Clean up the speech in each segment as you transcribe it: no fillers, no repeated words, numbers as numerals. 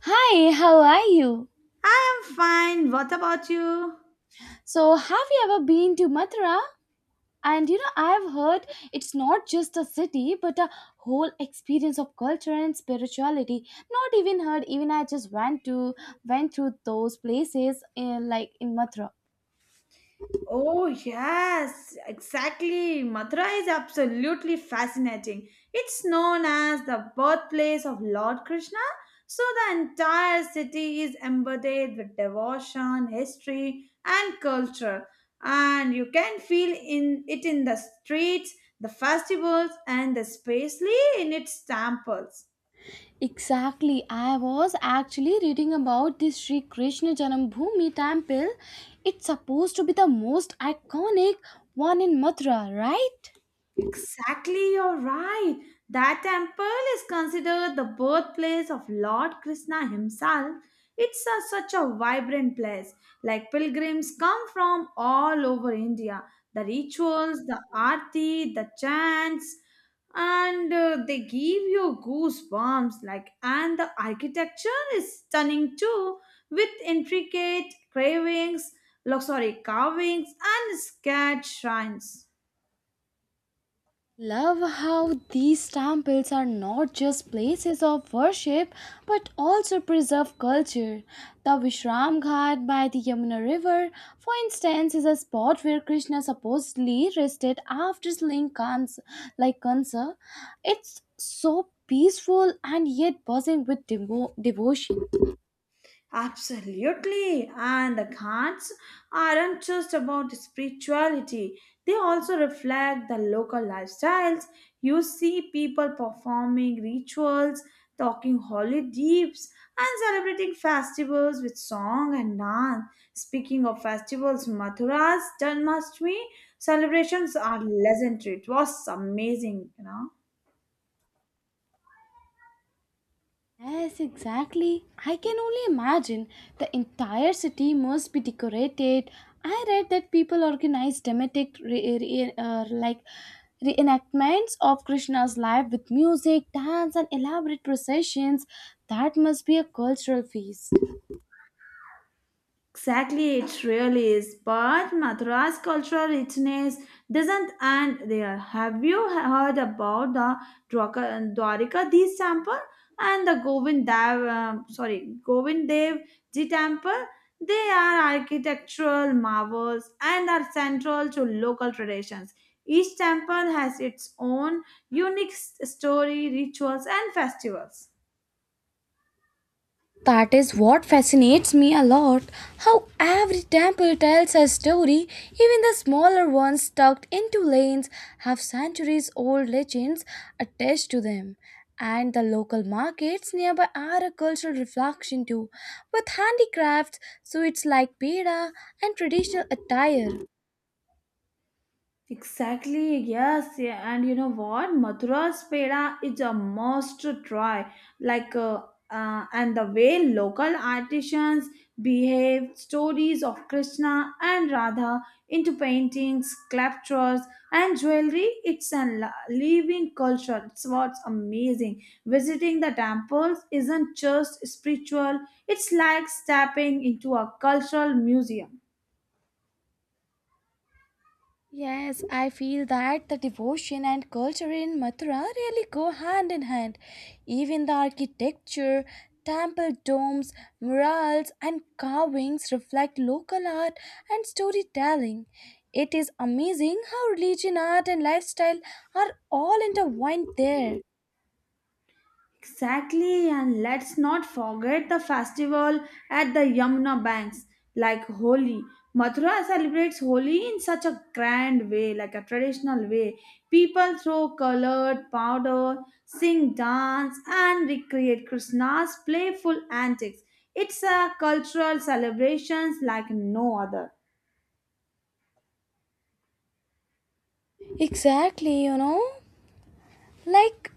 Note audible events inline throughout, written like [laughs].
Hi, how are you? I am fine. What about you? So, have you ever been to Mathura? And you know, I've heard it's not just a city, but a whole experience of culture and spirituality. Not even heard, even I just went through those places in in Mathura. Oh, yes, exactly. Mathura is absolutely fascinating. It's known as the birthplace of Lord Krishna, so the entire city is embedded with devotion, history, and culture. And you can feel in it in the streets, the festivals, and especially in its temples. Exactly, I was actually reading about this Sri Krishna Janambhoomi temple. It's supposed to be the most iconic one in Mathura, right? Exactly, you're right. That temple is considered the birthplace of Lord Krishna himself. It's such a vibrant place. Like pilgrims come from all over India. The rituals, the aarti, the chants, and they give you goosebumps. Like, and the architecture is stunning too, with intricate carvings, carvings and scared shrines. Love how these temples are not just places of worship but also preserve culture. The Vishram Ghat by the Yamuna River, for instance, is a spot where Krishna supposedly rested after slaying Kans, like Kansa. It's so peaceful and yet buzzing with devotion. Absolutely. And the cards aren't just about spirituality, they also reflect the local lifestyles. You see people performing rituals, talking holy deeps, and celebrating festivals with song and dance. Speaking of festivals, Mathura's Janmashtami celebrations are legendary. It was amazing, you know. Yes, exactly. I can only imagine the entire city must be decorated. I read that people organize dramatic like reenactments of Krishna's life with music, dance, and elaborate processions. That must be a cultural feast. Exactly, it really is. But Madras cultural richness doesn't end there. Have you heard about the Dwarika Deesh temple and the Govind Dev Ji temple? They are architectural marvels and are central to local traditions. Each temple has its own unique story, rituals, and festivals. That is what fascinates me a lot, how every temple tells a story, even the smaller ones tucked into lanes have centuries old legends attached to them. And the local markets nearby are a cultural reflection too, with handicrafts, sweets like peda, and traditional attire. Exactly, yes, yeah. And you know what? Mathura's peda is a must try. Like, uh, and the way local artisans behave, stories of Krishna and Radha into paintings, sculptures, and jewelry, it's a living culture. It's what's amazing. Visiting the temples isn't just spiritual, it's like stepping into a cultural museum. Yes, I feel that the devotion and culture in Mathura really go hand in hand. Even the architecture, temple domes, murals, and carvings reflect local art and storytelling. It is amazing how religion, art, and lifestyle are all intertwined there. Exactly, and let's not forget the festival at the Yamuna banks, like Holi. Mathura celebrates Holi in such a grand way, like a traditional way. People throw colored powder, sing, dance, and recreate Krishna's playful antics. It's a cultural celebration like no other. Exactly, you know, like,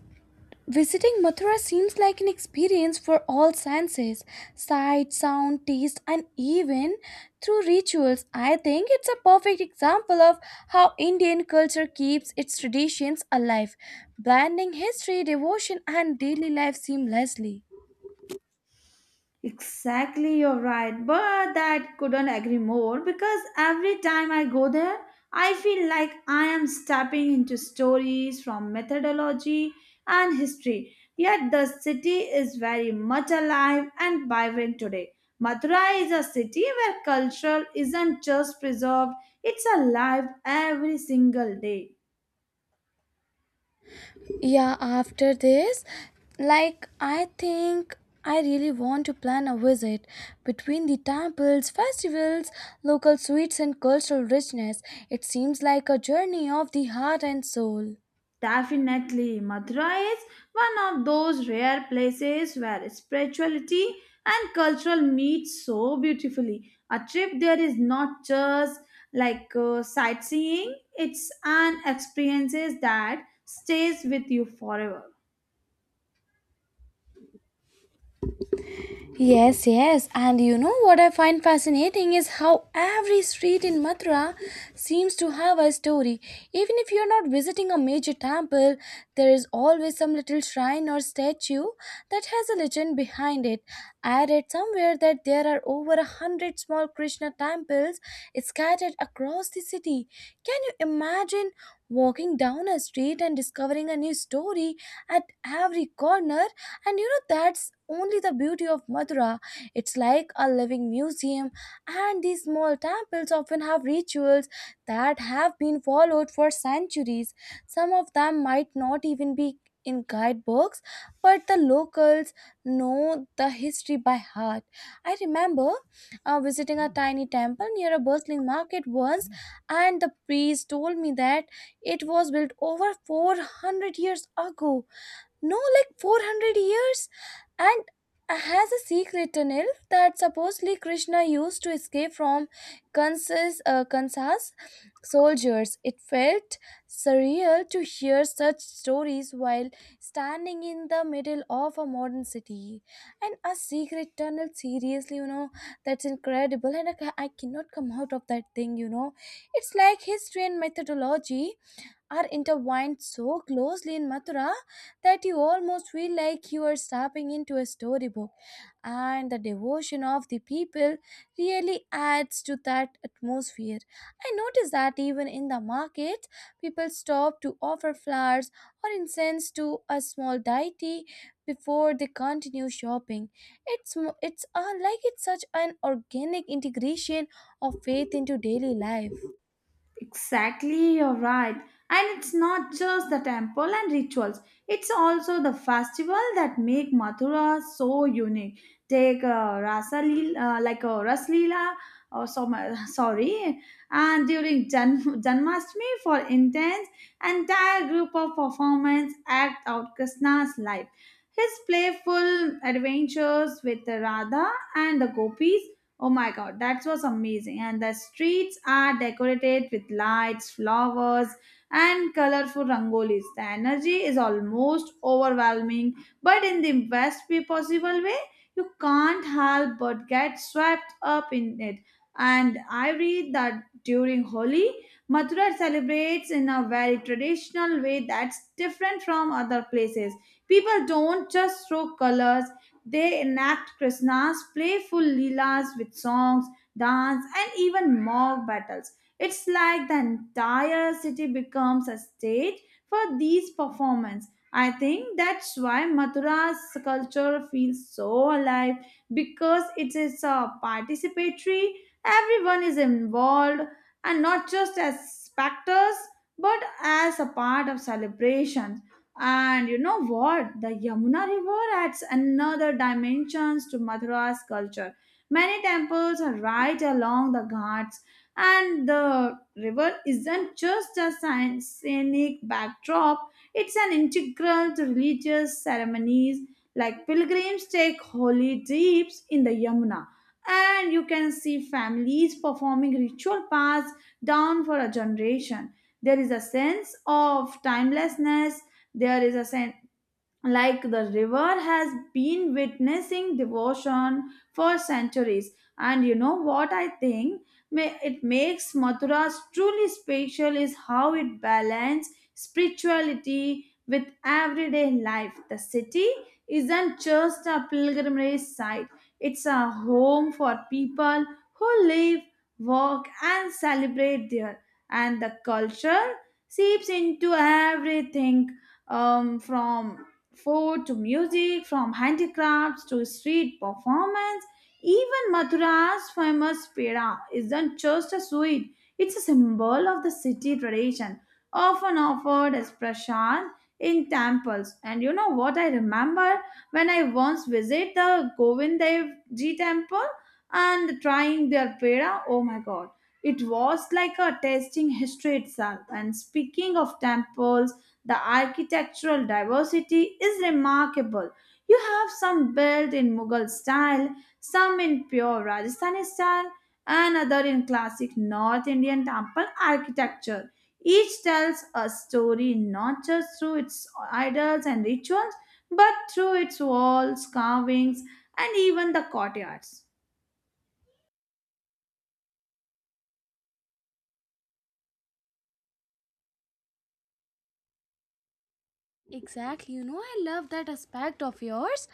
visiting Mathura seems like an experience for all senses, sight, sound, taste, and even through rituals. I think it's a perfect example of how Indian culture keeps its traditions alive, blending history, devotion, and daily life seamlessly. Exactly, you're right. But that couldn't agree more because every time I go there, I feel like I am stepping into stories from methodology and history. Yet the city is very much alive and vibrant today. Mathura is a city where culture isn't just preserved, it's alive every single day. Yeah, after this, like, I think I really want to plan a visit between the temples, festivals, local sweets, and cultural richness. It seems like a journey of the heart and soul. Definitely, Mathura is one of those rare places where spirituality and cultural meet so beautifully. A trip there is not just sightseeing, it's an experience that stays with you forever. Yes, yes, and you know what I find fascinating is how every street in Mathura seems to have a story. Even if you're not visiting a major temple, there is always some little shrine or statue that has a legend behind it. I read somewhere that there are over 100 small Krishna temples scattered across the city. Can you imagine walking down a street and discovering a new story at every corner? And you know, that's only the beauty of Mathura. It's like a living museum, and these small temples often have rituals that have been followed for centuries. Some of them might not even be in guidebooks, but the locals know the history by heart. I remember visiting a tiny temple near a bustling market once, and the priest told me that it was built over 400 years ago, no, like 400 years, and has a secret tunnel that supposedly Krishna used to escape from kansas, kansas soldiers. It felt surreal to hear such stories while standing in the middle of a modern city. And a secret tunnel, seriously? You know, that's incredible, and I cannot come out of that thing, you know. It's like history and methodology are intertwined so closely in Mathura that you almost feel like you are stepping into a storybook. And the devotion of the people really adds to that atmosphere. I notice that even in the markets, people stop to offer flowers or incense to a small deity before they continue shopping. It's like it's such an organic integration of faith into daily life. Exactly, you're right. And it's not just the temple and rituals, it's also the festival that make Mathura so unique. Take Rasa Leela, like a Ras Leela, or some, [laughs] sorry, and during Janmashtami for intense, entire group of performance act out Krishna's life. His playful adventures with Radha and the gopis. Oh my god, that was amazing. And the streets are decorated with lights, flowers, and colorful rangolis. The energy is almost overwhelming, but in the best way possible way, you can't help but get swept up in it. And I read that during Holi, Mathura celebrates in a very traditional way that's different from other places. People don't just throw colors, they enact Krishna's playful leelas with songs, dance, and even mock battles. It's like the entire city becomes a stage for these performances. I think that's why Mathura's culture feels so alive because it is a participatory. Everyone is involved and not just as spectators but as a part of celebration. And you know what? The Yamuna River adds another dimensions to Mathura's culture. Many temples are right along the ghats, and the river isn't just a scenic backdrop, it's an integral to religious ceremonies. Like pilgrims take holy dips in the Yamuna, and you can see families performing ritual paths down for a generation. There is a sense of timelessness. There is a sen- Like the river has been witnessing devotion for centuries. And you know what I think, it makes Mathura's truly special is how it balances spirituality with everyday life. The city isn't just a pilgrimage site, it's a home for people who live, work, and celebrate there, and the culture seeps into everything, from food to music, from handicrafts to street performance. Even Mathura's famous peda isn't just a sweet, it's a symbol of the city tradition, often offered as prasad in temples. And you know what I remember when I once visited the Govindev Ji temple and trying their peda? Oh my god. It was like a tasting history itself. And speaking of temples, the architectural diversity is remarkable. You have some built in Mughal style, some in pure Rajasthani style, and other in classic North Indian temple architecture. Each tells a story not just through its idols and rituals, but through its walls, carvings, and even the courtyards. Exactly. You know, I love that aspect of yours.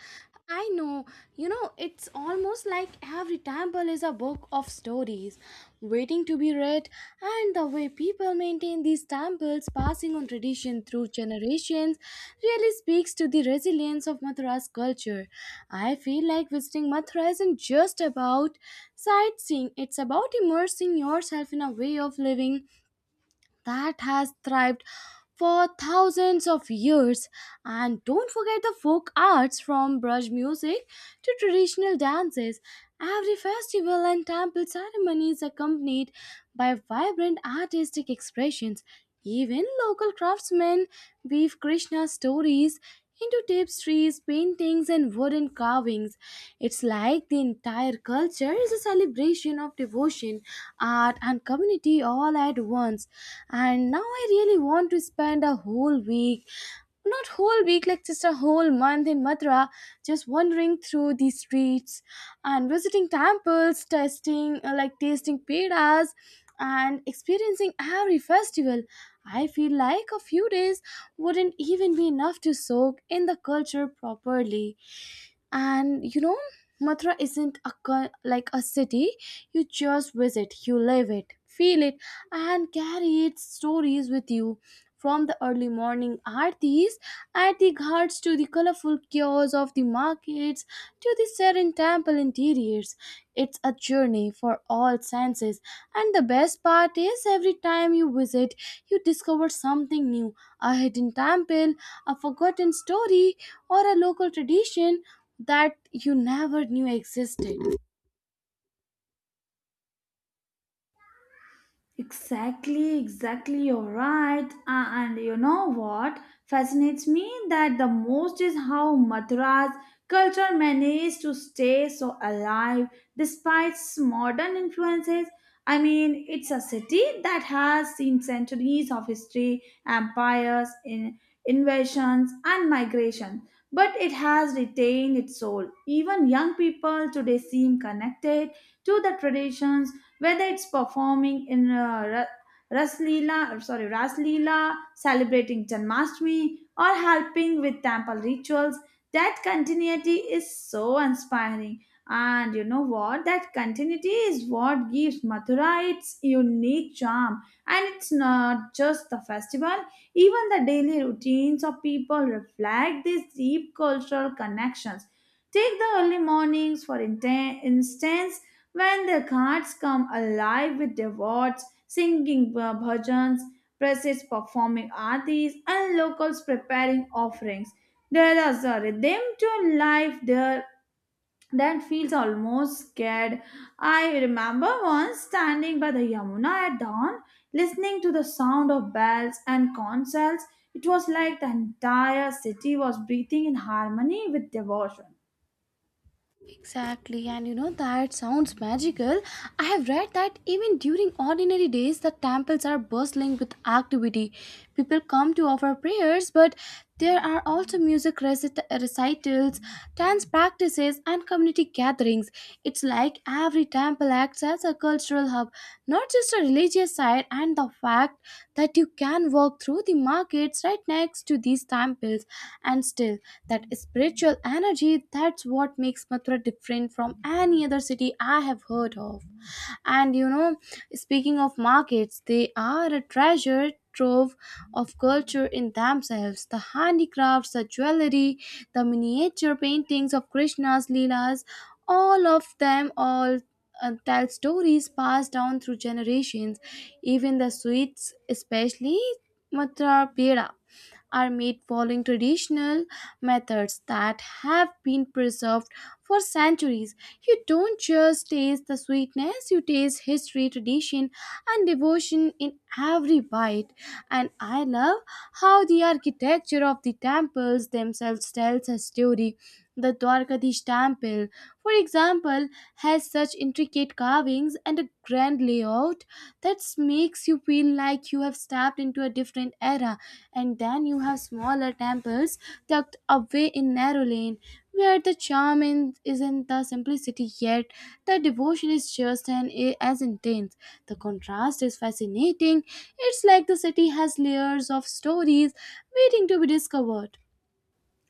I know, you know, it's almost like every temple is a book of stories waiting to be read, and the way people maintain these temples, passing on tradition through generations, really speaks to the resilience of Mathura's culture. I feel like visiting Mathura isn't just about sightseeing, it's about immersing yourself in a way of living that has thrived for thousands of years. And don't forget the folk arts, from brush music to traditional dances. Every festival and temple ceremony is accompanied by vibrant artistic expressions. Even local craftsmen weave Krishna stories into tapestries, paintings, and wooden carvings. It's like the entire culture is a celebration of devotion, art, and community all at once. And now I really want to spend a whole week, not whole week, like just a whole month in Mathura, just wandering through the streets and visiting temples, testing like tasting pedas and experiencing every festival. I feel like a few days wouldn't even be enough to soak in the culture properly. And you know, Mathura isn't like a city you just visit, you live it, feel it, and carry its stories with you. From the early morning aartis at the ghats, to the colorful kiosks of the markets, to the serene temple interiors, it's a journey for all senses. And the best part is every time you visit, you discover something new, a hidden temple, a forgotten story, or a local tradition that you never knew existed. Exactly, exactly, you're right. And you know what fascinates me that the most is how Mathura's culture managed to stay so alive despite modern influences. I mean, it's a city that has seen centuries of history, empires, invasions, and migration, but it has retained its soul. Even young people today seem connected to the traditions, whether it's performing in Raslila, sorry, Raslila, celebrating Janmashtami, or helping with temple rituals. That continuity is so inspiring. And you know what? That continuity is what gives Mathura its unique charm. And it's not just the festival, even the daily routines of people reflect these deep cultural connections. Take the early mornings, for instance, when the cards come alive with devotees singing bhajans, priests performing aartis, and locals preparing offerings, there is a rhythm to life there that feels almost scared. I remember once standing by the Yamuna at dawn, listening to the sound of bells and concerts. It was like the entire city was breathing in harmony with devotion. Exactly, and you know, that sounds magical. I have read that even during ordinary days, the temples are bustling with activity. People come to offer prayers, but there are also music recitals, dance practices, and community gatherings. It's like every temple acts as a cultural hub, not just a religious site, and the fact that you can walk through the markets right next to these temples and still that spiritual energy, that's what makes Mathura different from any other city I have heard of. And you know, speaking of markets, they are a treasure trove of culture in themselves. The handicrafts, the jewelry, the miniature paintings of Krishna's Leelas, all of them all tell stories passed down through generations. Even the sweets, especially matra pera, are made following traditional methods that have been preserved for centuries. You don't just taste the sweetness, you taste history, tradition, and devotion in every bite. And I love how the architecture of the temples themselves tells a story. The Dwarkadish temple, for example, has such intricate carvings and a grand layout that makes you feel like you have stepped into a different era. And then you have smaller temples tucked away in narrow lane, where the is in the simplicity, yet the devotion is just as intense. The contrast is fascinating. It's like the city has layers of stories waiting to be discovered.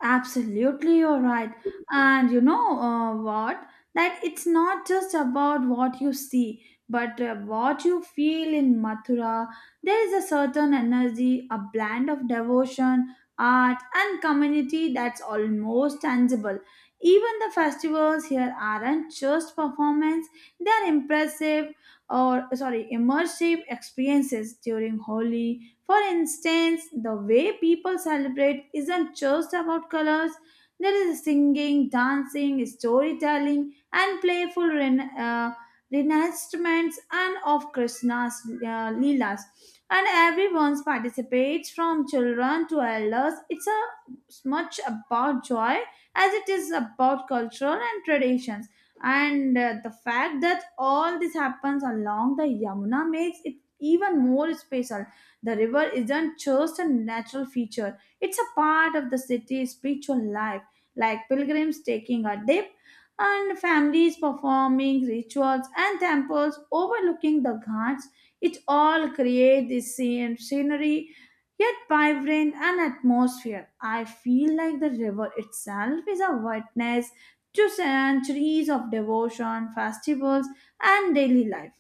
Absolutely, you're right. And you know what? That it's not just about what you see, but what you feel in Mathura. There is a certain energy, a blend of devotion, art, and community that's almost tangible. Even the festivals here aren't just performance, they're impressive or sorry, immersive experiences. During Holi, for instance, the way people celebrate isn't just about colors, there is singing, dancing, storytelling, and playful reenactments and of Krishna's Leelas. And everyone participates from children to elders. It's as much about joy as it is about cultural and traditions. And the fact that all this happens along the Yamuna makes it even more special. The river isn't just a natural feature, it's a part of the city's spiritual life, like pilgrims taking a dip and families performing rituals and temples overlooking the ghats. It all creates this scenery yet vibrant and atmosphere. I feel like the river itself is a witness to centuries of devotion, festivals, and daily life.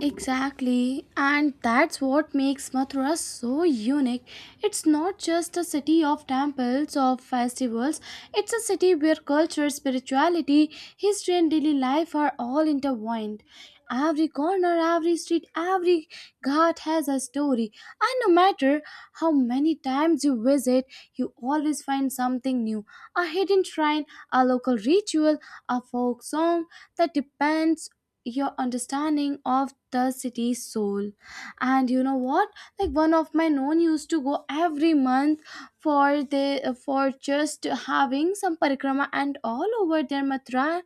Exactly, and that's what makes Mathura so unique. It's not just a city of temples or festivals, it's a city where culture, spirituality, history, and daily life are all intertwined. Every corner, every street, every ghat has a story, and no matter how many times you visit, you always find something new, a hidden shrine, a local ritual, a folk song that depends your understanding of the city's soul. And you know what, like, one of my known used to go every month for the for just having some parikrama and all over their matra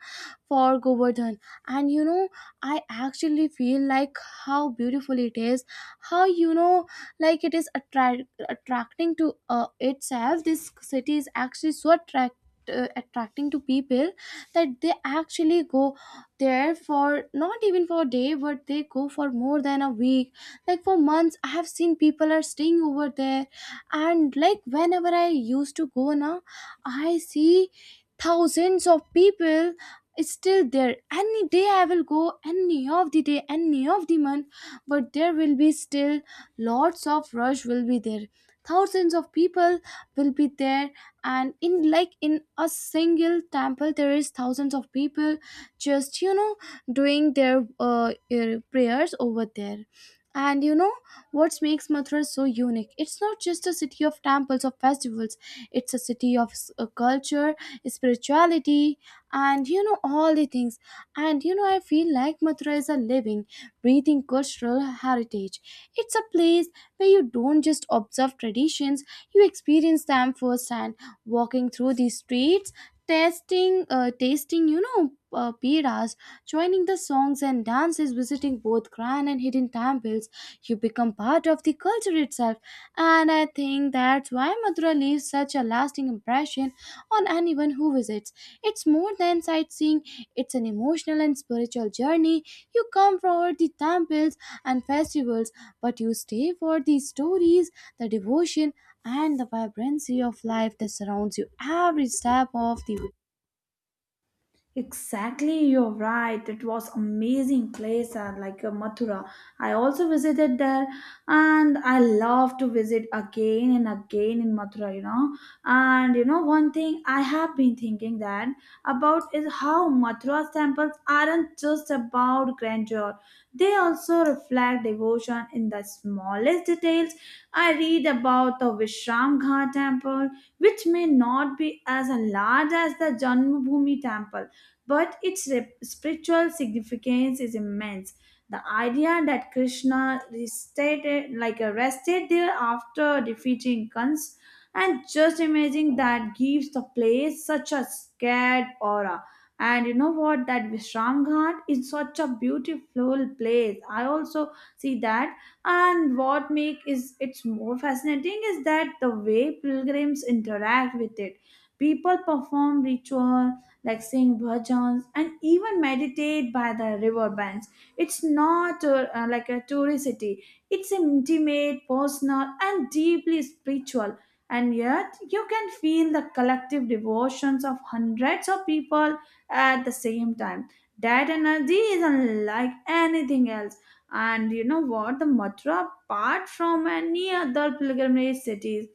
for Govardhan. And you know, I actually feel like how beautiful it is, how, you know, like, it is attracting to, itself. This city is actually so attracting to people that they actually go there for not even for a day, but they go for more than a week, like for months. I have seen people are staying over there. And like, whenever I used to go now, I see thousands of people is still there. Any day I will go, any of the day, any of the month, but there will be still lots of rush will be there. Thousands of people will be there. And in in a single temple, there is thousands of people just, you know, doing their prayers over there. And you know what makes Mathura so unique, it's not just a city of temples or festivals, it's a city of culture, spirituality, and you know, all the things. And you know, I feel like Mathura is a living, breathing cultural heritage. It's a place where you don't just observe traditions, you experience them firsthand. Walking through these streets, testing tasting, you know, piras, joining the songs and dances, visiting both grand and hidden temples, you become part of the culture itself. And I think that's why Mathura leaves such a lasting impression on anyone who visits. It's more than sightseeing, it's an emotional and spiritual journey. You come for the temples and festivals, but you stay for the stories, the devotion, and the vibrancy of life that surrounds you every step of the way. Exactly, you're right. It was amazing place Mathura. I also visited there and I love to visit again and again in Mathura, you know. And you know one thing I have been thinking that about is how Mathura's temples aren't just about grandeur. They also reflect devotion in the smallest details. I read about the Vishram Ghat temple, which may not be as large as the Janmabhoomi temple, but its spiritual significance is immense. The idea that Krishna rested, rested there after defeating Kans, and just imagining that gives the place such a scared aura. And you know what? That Vishram Ghat is such a beautiful place. I also see that. And what make is it's more fascinating is that the way pilgrims interact with it. People perform ritual like sing bhajans and even meditate by the river banks. It's not like a tourist city. It's intimate, personal, and deeply spiritual. And yet, you can feel the collective devotions of hundreds of people at the same time. That energy is unlike anything else. And you know what? The Mathura, apart from any other pilgrimage cities,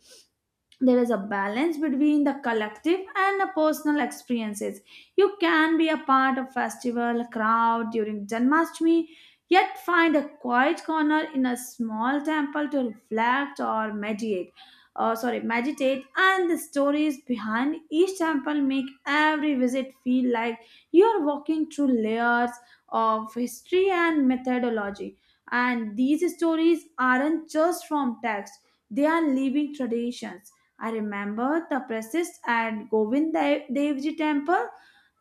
there is a balance between the collective and the personal experiences. You can be a part of festival crowd during Janmashtami, yet find a quiet corner in a small temple to reflect or meditate. Meditate, and the stories behind each temple make every visit feel like you are walking through layers of history and methodology. And these stories aren't just from text; they are living traditions. I remember the priestess at Devji temple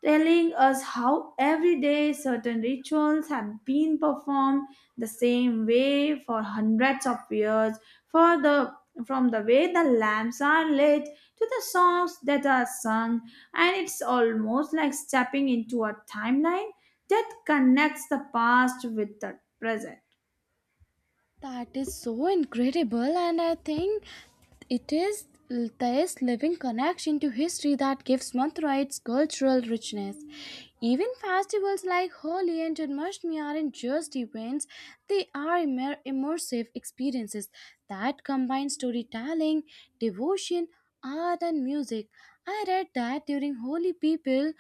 telling us how every day certain rituals have been performed the same way for hundreds of years, for the, from the way the lamps are lit to the songs that are sung, and it's almost like stepping into a timeline that connects the past with the present. That is so incredible, and I think it is this living connection to history that gives Mathura its cultural richness. Even festivals like Holi and Janmashtami aren't just events, they are immersive experiences that combine storytelling, devotion, art, and music. I read that during Holi, people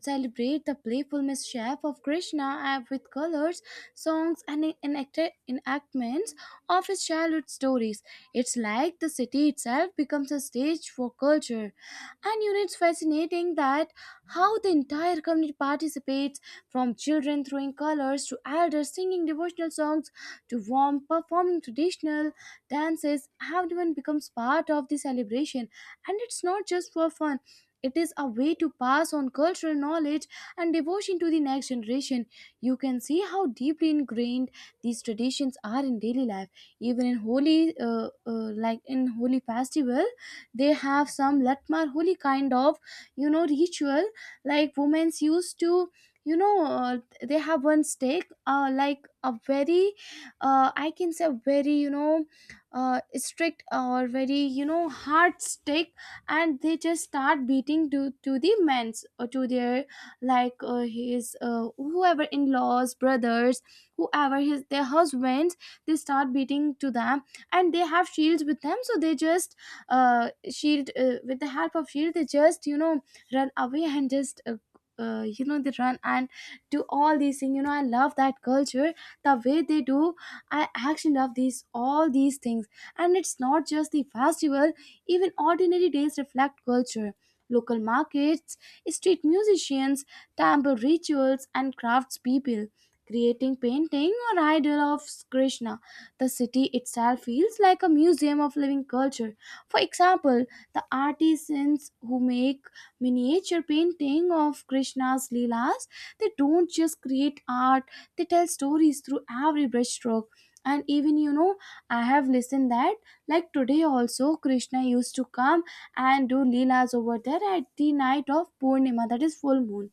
celebrate the playful mischief of Krishna with colors, songs, and enactments of his childhood stories. It's like the city itself becomes a stage for culture. And you know, it's fascinating that how the entire community participates, from children throwing colors to elders singing devotional songs to warm performing traditional dances. Everyone becomes part of the celebration, and it's not just for fun, it is a way to pass on cultural knowledge and devotion to the next generation. You can see how deeply ingrained these traditions are in daily life. Even in holy, like in holy festival, they have some latmar holy kind of, you know, ritual. Like women used to, you know, they have one stake, like a very, I can say very, you know, strict or very, you know, hard stake, and they just start beating to the men's or to their, like his whoever in laws brothers, whoever his their husbands, they start beating to them. And they have shields with them, so they just shield with the help of shield, they just, you know, run away and just you know, they run and do all these things. You know, I love that culture, the way they do. I actually love these all these things. And it's not just the festival, even ordinary days reflect culture. Local markets, street musicians, temple rituals, and craftspeople creating painting or idol of Krishna. The city itself feels like a museum of living culture. For example, the artisans who make miniature painting of Krishna's leelas, they don't just create art, they tell stories through every brushstroke. And even, you know, I have listened that like today also, Krishna used to come and do leelas over there at the night of Purnima, that is full moon.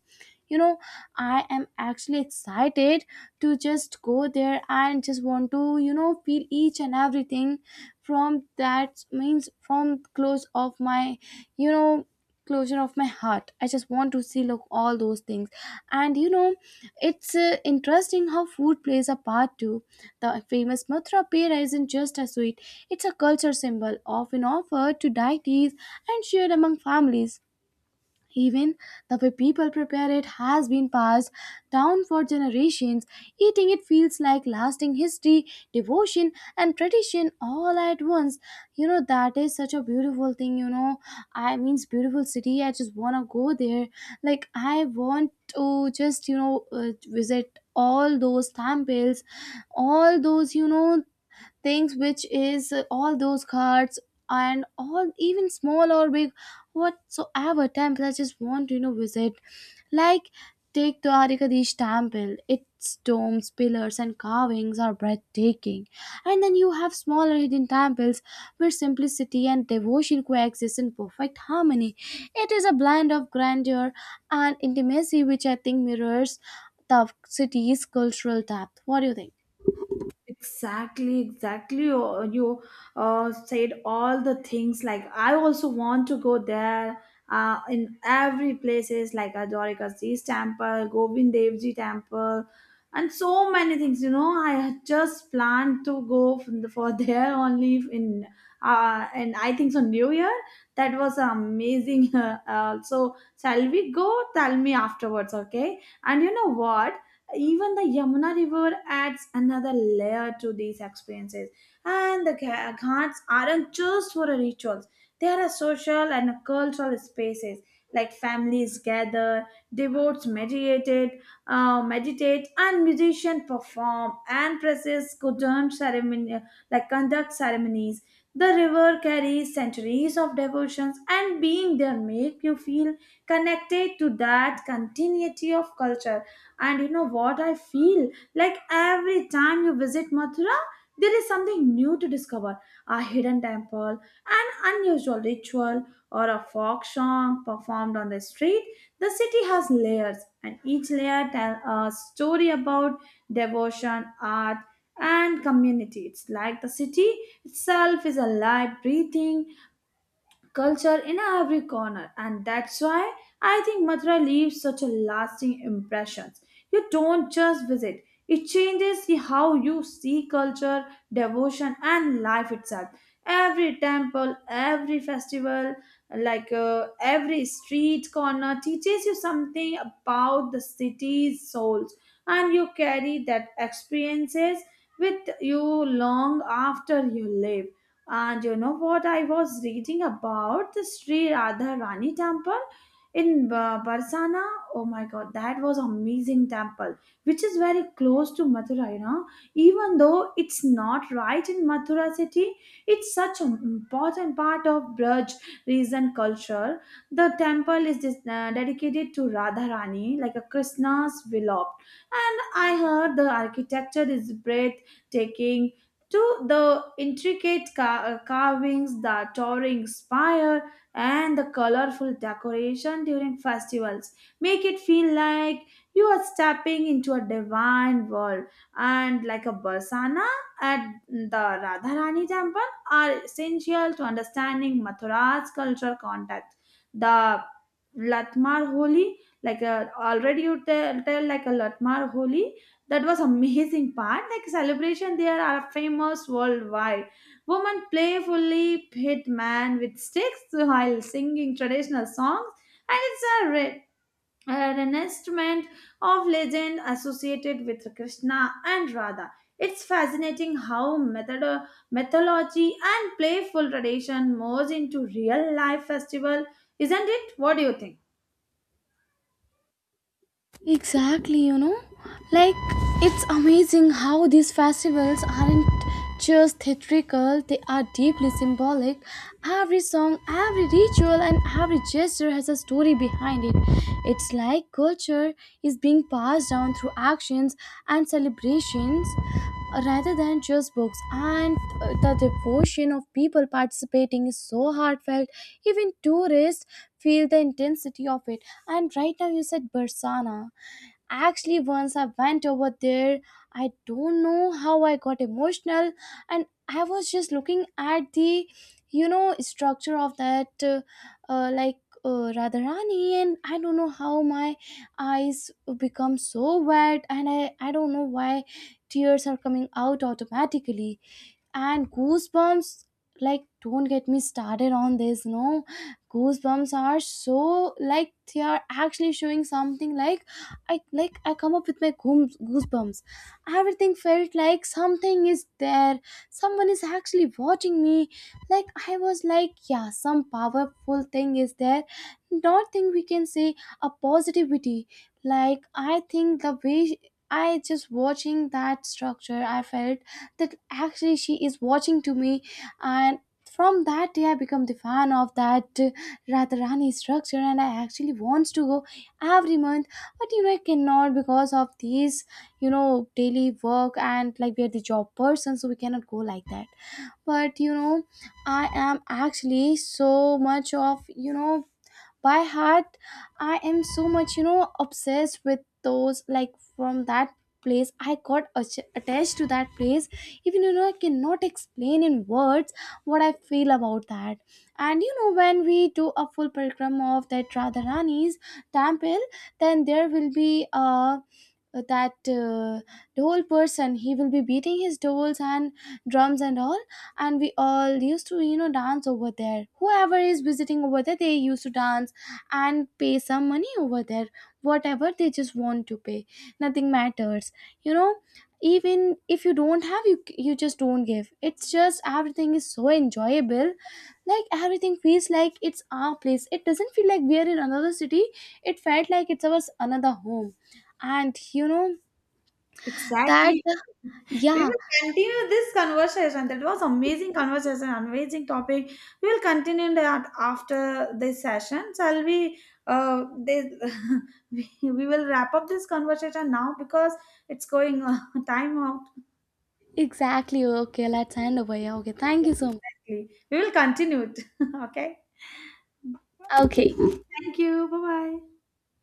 You know, I am actually excited to just go there and just want to, you know, feel each and everything from that, means from close of my, you know, closure of my heart. I just want to see, look all those things. And you know, it's interesting how food plays a part too. The famous mathura pera isn't just a sweet, it's a culture symbol often offered to deities and shared among families. Even the way people prepare it has been passed down for generations. Eating it feels like lasting history, devotion, and tradition all at once. You know, that is such a beautiful thing. You know, I mean, beautiful city. I just want to go there. Like, I want to just, you know, visit all those temples, all those, you know, things which is all those cards and all, even small or big, whatsoever temples, I just want to, you know, visit. Like, take Dwarikadish temple, its domes, pillars and carvings are breathtaking. And then you have smaller hidden temples where simplicity and devotion coexist in perfect harmony. It is a blend of grandeur and intimacy, which I think mirrors the city's cultural depth. What do you think? Exactly, exactly. You said all the things. Like I also want to go there. In every places like Ajorikasi's temple, Govind Dev Ji temple, and so many things. You know, I had just planned to go from the, for [laughs] there only in and I think so New Year. That was amazing. [laughs] So shall we go? Tell me afterwards, okay? And you know what? Even the Yamuna River adds another layer to these experiences. And the ghats aren't just for rituals, they are a social and a cultural spaces. Like families gather, devotees meditated, meditate, and musicians perform, and priests conduct ceremony, like conduct ceremonies. The river carries centuries of devotions, and being there make you feel connected to that continuity of culture. And you know what I feel? Like every time you visit Mathura, there is something new to discover, a hidden temple, an unusual ritual, or a folk song performed on the street. The city has layers, and each layer tells a story about devotion, art, and community. It's like the city itself is alive, breathing, culture in every corner. And that's why I think Mathura leaves such a lasting impression. You don't just visit, it changes how you see culture, devotion, and life itself. Every temple, every festival, like uh, every street corner teaches you something about the city's souls, and you carry that experiences with you long after you leave. And you know what? I was reading about the Sri Radha Rani temple in Barsana. Oh my god, that was amazing temple, which is very close to Mathura, you know. Even though it's not right in Mathura city, it's such an important part of Braj region culture. The temple is dedicated to Radha Rani, like a Krishna's beloved. And I heard the architecture is breathtaking to the intricate carvings, the towering spire, and the colorful decoration during festivals. Make it feel like you are stepping into a divine world. And like a Barsana at the Radharani temple are essential to understanding Mathura's cultural context. The Latmar Holi, like a, already you tell like a Latmar Holi, that was amazing part. Like celebration, they are famous worldwide. Women playfully hit man with sticks while singing traditional songs, and it's a a reenactment of legend associated with Krishna and Radha. It's fascinating how method mythology and playful tradition merge into real life festival, isn't it? What do you think? Exactly, you know? Like, it's amazing how these festivals aren't just theatrical, they are deeply symbolic. Every song, every ritual, and every gesture has a story behind it. It's like culture is being passed down through actions and celebrations, rather than just books. And the devotion of people participating is so heartfelt, even tourists feel the intensity of it. And right now, you said Barsana. Actually, once I went over there, I don't know how I got emotional, and I was just looking at the, you know, structure of that, like Radharani, and I don't know how my eyes become so wet, and I don't know why tears are coming out automatically. And goosebumps, like don't get me started on this. No, goosebumps are so like, they are actually showing something. Like, I like, I come up with my goosebumps. Everything felt like something is there, someone is actually watching me. Like I was like, yeah, some powerful thing is there. Not thing, we can say a positivity. Like, I think the way I just watching that structure, I felt that actually she is watching to me. And from that day I become the fan of that Radharani structure, and I actually wants to go every month. But you know, I cannot because of these, you know, daily work, and like we are the job person, so we cannot go like that. But you know, I am actually so much of, you know, by heart, I am so much, you know, obsessed with those. Like, from that place I got attached to that place. Even, you know, I cannot explain in words what I feel about that. And you know, when we do a full program of that Radharani's temple, then there will be that dhol person, he will be beating his dhols and drums and all. And we all used to, you know, dance over there. Whoever is visiting over there, they used to dance and pay some money over there, whatever they just want to pay. Nothing matters, you know. Even if you don't have, you just don't give. It's just everything is so enjoyable. Like, everything feels like it's our place, it doesn't feel like we are in another city. It felt like it's ours, another home. And you know that. Exactly. We Yeah. will continue this conversation. That was amazing conversation, amazing topic. We will continue that after this session. Shall we? This, [laughs] we will wrap up this conversation now because it's going [laughs] time out. Exactly. Okay, let's end over here. Okay, thank you so Exactly. We will continue it. [laughs] Okay. much. Okay. Thank you. Bye bye.